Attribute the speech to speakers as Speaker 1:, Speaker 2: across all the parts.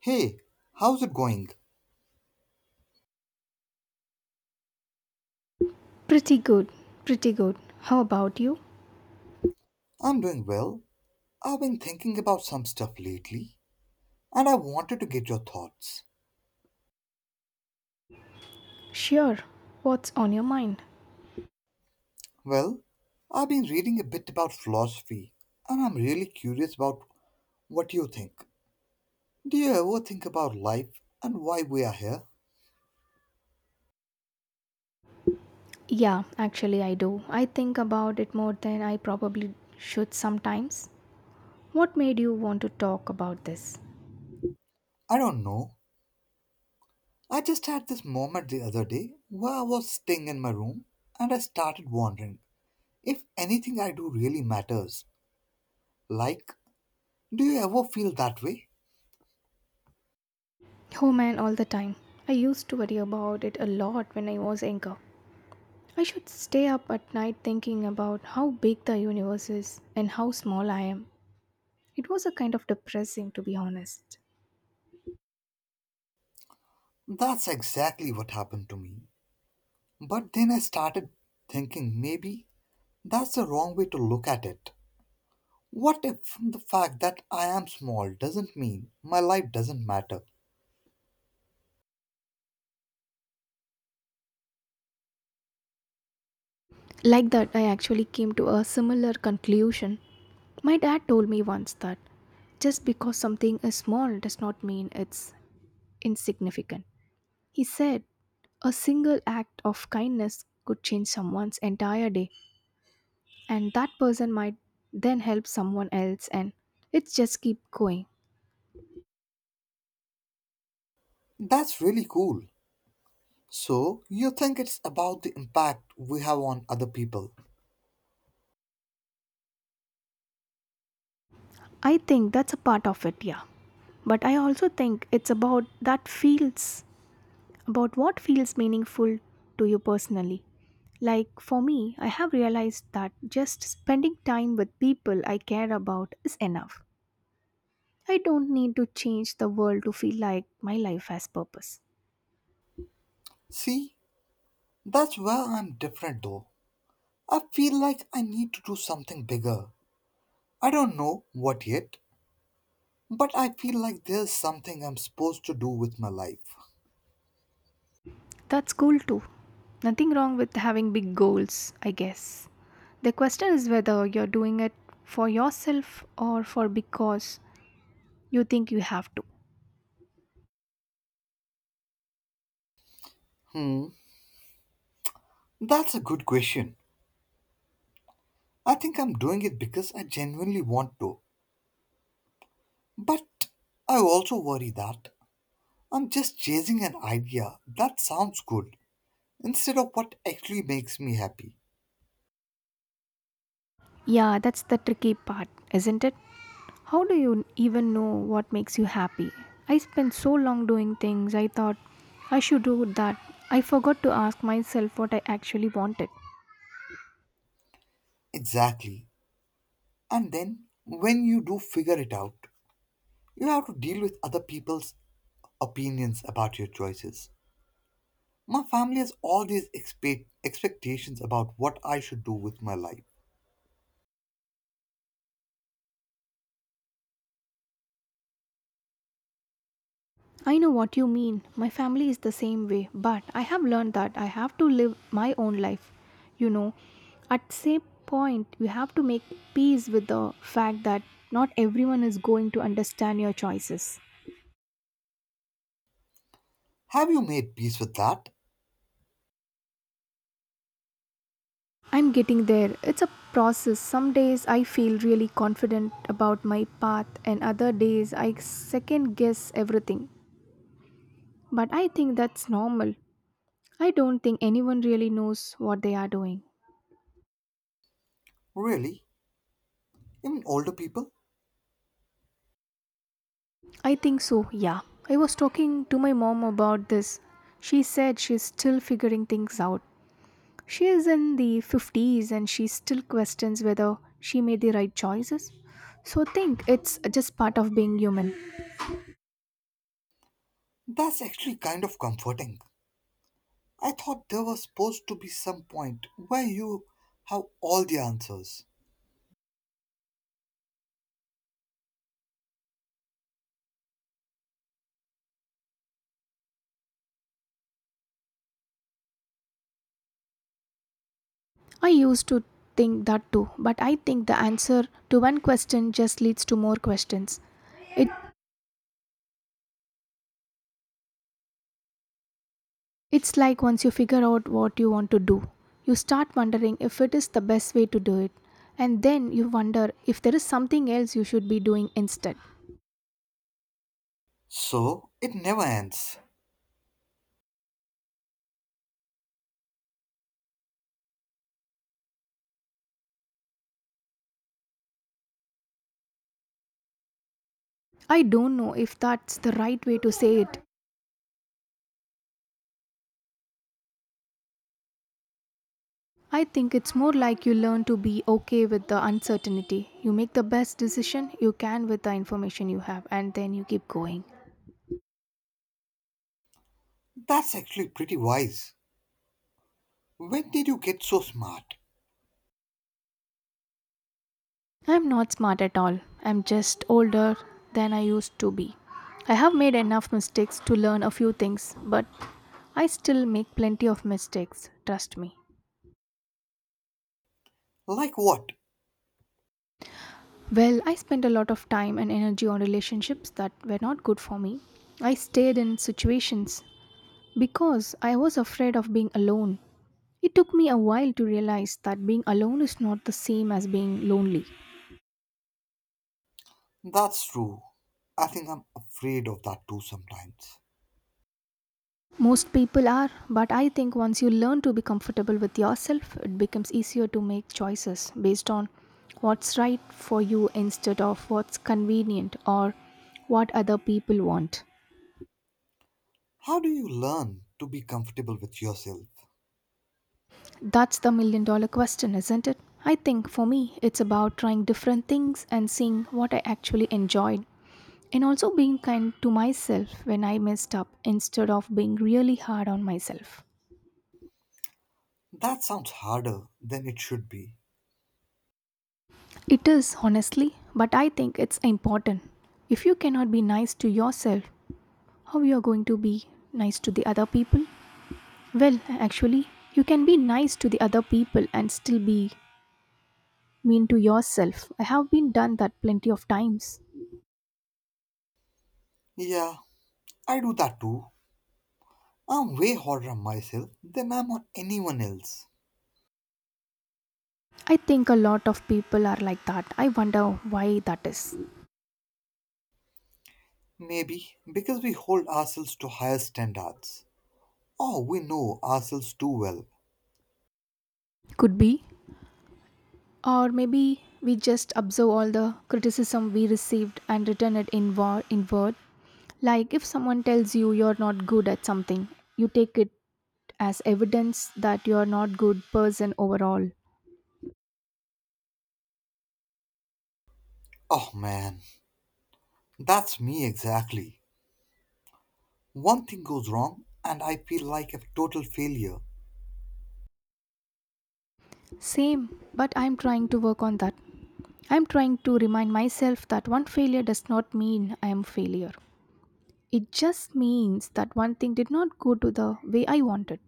Speaker 1: Hey, how's it going?
Speaker 2: Pretty good, pretty good. How about you?
Speaker 1: I'm doing well. I've been thinking about some stuff lately, and I wanted to get your thoughts.
Speaker 2: Sure. What's on your mind?
Speaker 1: Well, I've been reading a bit about philosophy, and I'm really curious about what you think. Do you ever think about life and why we are here?
Speaker 2: Yeah, actually, I do. I think about it more than I probably should sometimes. What made you want to talk about this?
Speaker 1: I don't know. I just had this moment the other day where I was staying in my room and I started wondering if anything I do really matters. Like, do you ever feel that way?
Speaker 2: Oh man, all the time. I used to worry about it a lot when I was younger. I should stay up at night thinking about how big the universe is and how small I am. It was a kind of depressing, to be honest.
Speaker 1: That's exactly what happened to me. But then I started thinking maybe that's the wrong way to look at it. What if the fact that I am small doesn't mean my life doesn't matter?
Speaker 2: Like that, I actually came to a similar conclusion. My dad told me once that just because something is small does not mean it's insignificant. He said a single act of kindness could change someone's entire day, and that person might then help someone else, and it just keep going.
Speaker 1: That's really cool. So, you think it's about the impact we have on other people?
Speaker 2: I think that's a part of it, yeah. But I also think it's about what feels meaningful to you personally. Like for me, I have realized that just spending time with people I care about is enough. I don't need to change the world to feel like my life has purpose.
Speaker 1: See, that's where I'm different though. I feel like I need to do something bigger. I don't know what yet, but I feel like there's something I'm supposed to do with my life.
Speaker 2: That's cool too. Nothing wrong with having big goals, I guess. The question is whether you're doing it for yourself or for because you think you have to.
Speaker 1: Hmm. That's a good question. I think I'm doing it because I genuinely want to. But I also worry that I'm just chasing an idea that sounds good instead of what actually makes me happy.
Speaker 2: Yeah, that's the tricky part, isn't it? How do you even know what makes you happy? I spent so long doing things I thought I should do that. I forgot to ask myself what I actually wanted.
Speaker 1: Exactly. And then when you do figure it out, you have to deal with other people's opinions about your choices. My family has all these expectations about what I should do with my life.
Speaker 2: I know what you mean. My family is the same way, but I have learned that I have to live my own life. You know, at same point you have to make peace with the fact that not everyone is going to understand your choices.
Speaker 1: Have you made peace with that?
Speaker 2: I'm getting there. It's a process. Some days I feel really confident about my path, and other days I second guess everything. But I think that's normal. I don't think anyone really knows what they are doing.
Speaker 1: Really? Even older people?
Speaker 2: I think so, yeah. I was talking to my mom about this. She said she's still figuring things out. She is in the 50s and she still questions whether she made the right choices. So think it's just part of being human.
Speaker 1: That's actually kind of comforting. I thought there was supposed to be some point where you have all the answers.
Speaker 2: I used to think that too, but I think the answer to one question just leads to more questions. It, it's like once you figure out what you want to do, you start wondering if it is the best way to do it, and then you wonder if there is something else you should be doing instead.
Speaker 1: So it never ends.
Speaker 2: I don't know if that's the right way to say it. I think it's more like you learn to be okay with the uncertainty. You make the best decision you can with the information you have, and then you keep going.
Speaker 1: That's actually pretty wise. When did you get so smart?
Speaker 2: I'm not smart at all. I'm just older than I used to be. I have made enough mistakes to learn a few things, but I still make plenty of mistakes, trust me.
Speaker 1: Like what?
Speaker 2: Well, I spent a lot of time and energy on relationships that were not good for me. I stayed in situations because I was afraid of being alone. It took me a while to realize that being alone is not the same as being lonely.
Speaker 1: That's true. I think I'm afraid of that too sometimes.
Speaker 2: Most people are, but I think once you learn to be comfortable with yourself, it becomes easier to make choices based on what's right for you instead of what's convenient or what other people want.
Speaker 1: How do you learn to be comfortable with yourself?
Speaker 2: That's the million dollar question, isn't it? I think for me, it's about trying different things and seeing what I actually enjoyed, and also being kind to myself when I messed up instead of being really hard on myself.
Speaker 1: That sounds harder than it should be.
Speaker 2: It is, honestly, but I think it's important. If you cannot be nice to yourself, how you are going to be nice to the other people? Well, actually, you can be nice to the other people and still be mean to yourself. I have been done that plenty of times.
Speaker 1: Yeah, I do that too. I'm way harder on myself than I'm on anyone else.
Speaker 2: I think a lot of people are like that. I wonder why that is.
Speaker 1: Maybe because we hold ourselves to higher standards. Oh, we know ourselves too well.
Speaker 2: Could be. Or maybe we just observe all the criticism we received and return it in, word in word. Like if someone tells you you're not good at something, you take it as evidence that you're not good person overall.
Speaker 1: Oh man, that's me exactly. One thing goes wrong and I feel like a total failure.
Speaker 2: Same. But I'm trying to work on that. I'm trying to remind myself that one failure does not mean I am a failure. It just means that one thing did not go to the way I wanted.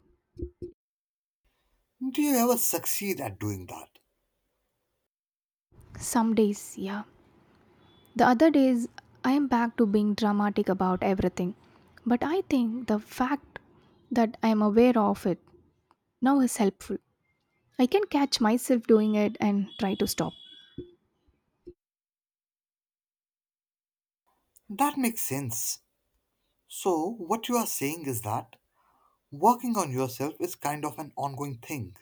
Speaker 1: Do you ever succeed at doing that?
Speaker 2: Some days, yeah. The other days I am back to being dramatic about everything. But I think the fact that I am aware of it now is helpful. I can catch myself doing it and try to stop.
Speaker 1: That makes sense. So, what you are saying is that working on yourself is kind of an ongoing thing.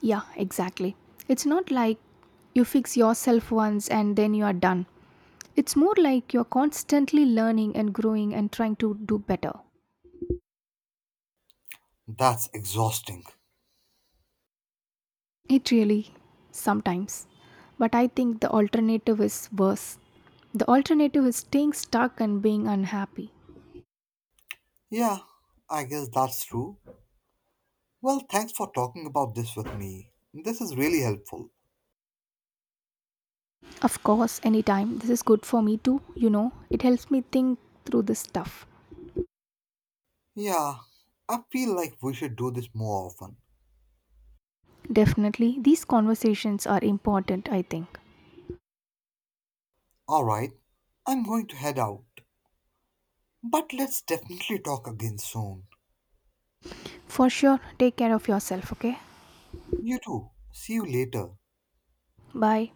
Speaker 2: Yeah, exactly. It's not like you fix yourself once and then you are done. It's more like you're constantly learning and growing and trying to do better.
Speaker 1: That's exhausting.
Speaker 2: It really, sometimes. But I think the alternative is worse. The alternative is staying stuck and being unhappy.
Speaker 1: Yeah, I guess that's true. Well, thanks for talking about this with me. This is really helpful.
Speaker 2: Of course, anytime. This is good for me too, you know. It helps me think through this stuff.
Speaker 1: Yeah, I feel like we should do this more often.
Speaker 2: Definitely, these conversations are important, I think.
Speaker 1: Alright, I'm going to head out. But let's definitely talk again soon.
Speaker 2: For sure, take care of yourself, okay?
Speaker 1: You too. See you later.
Speaker 2: Bye.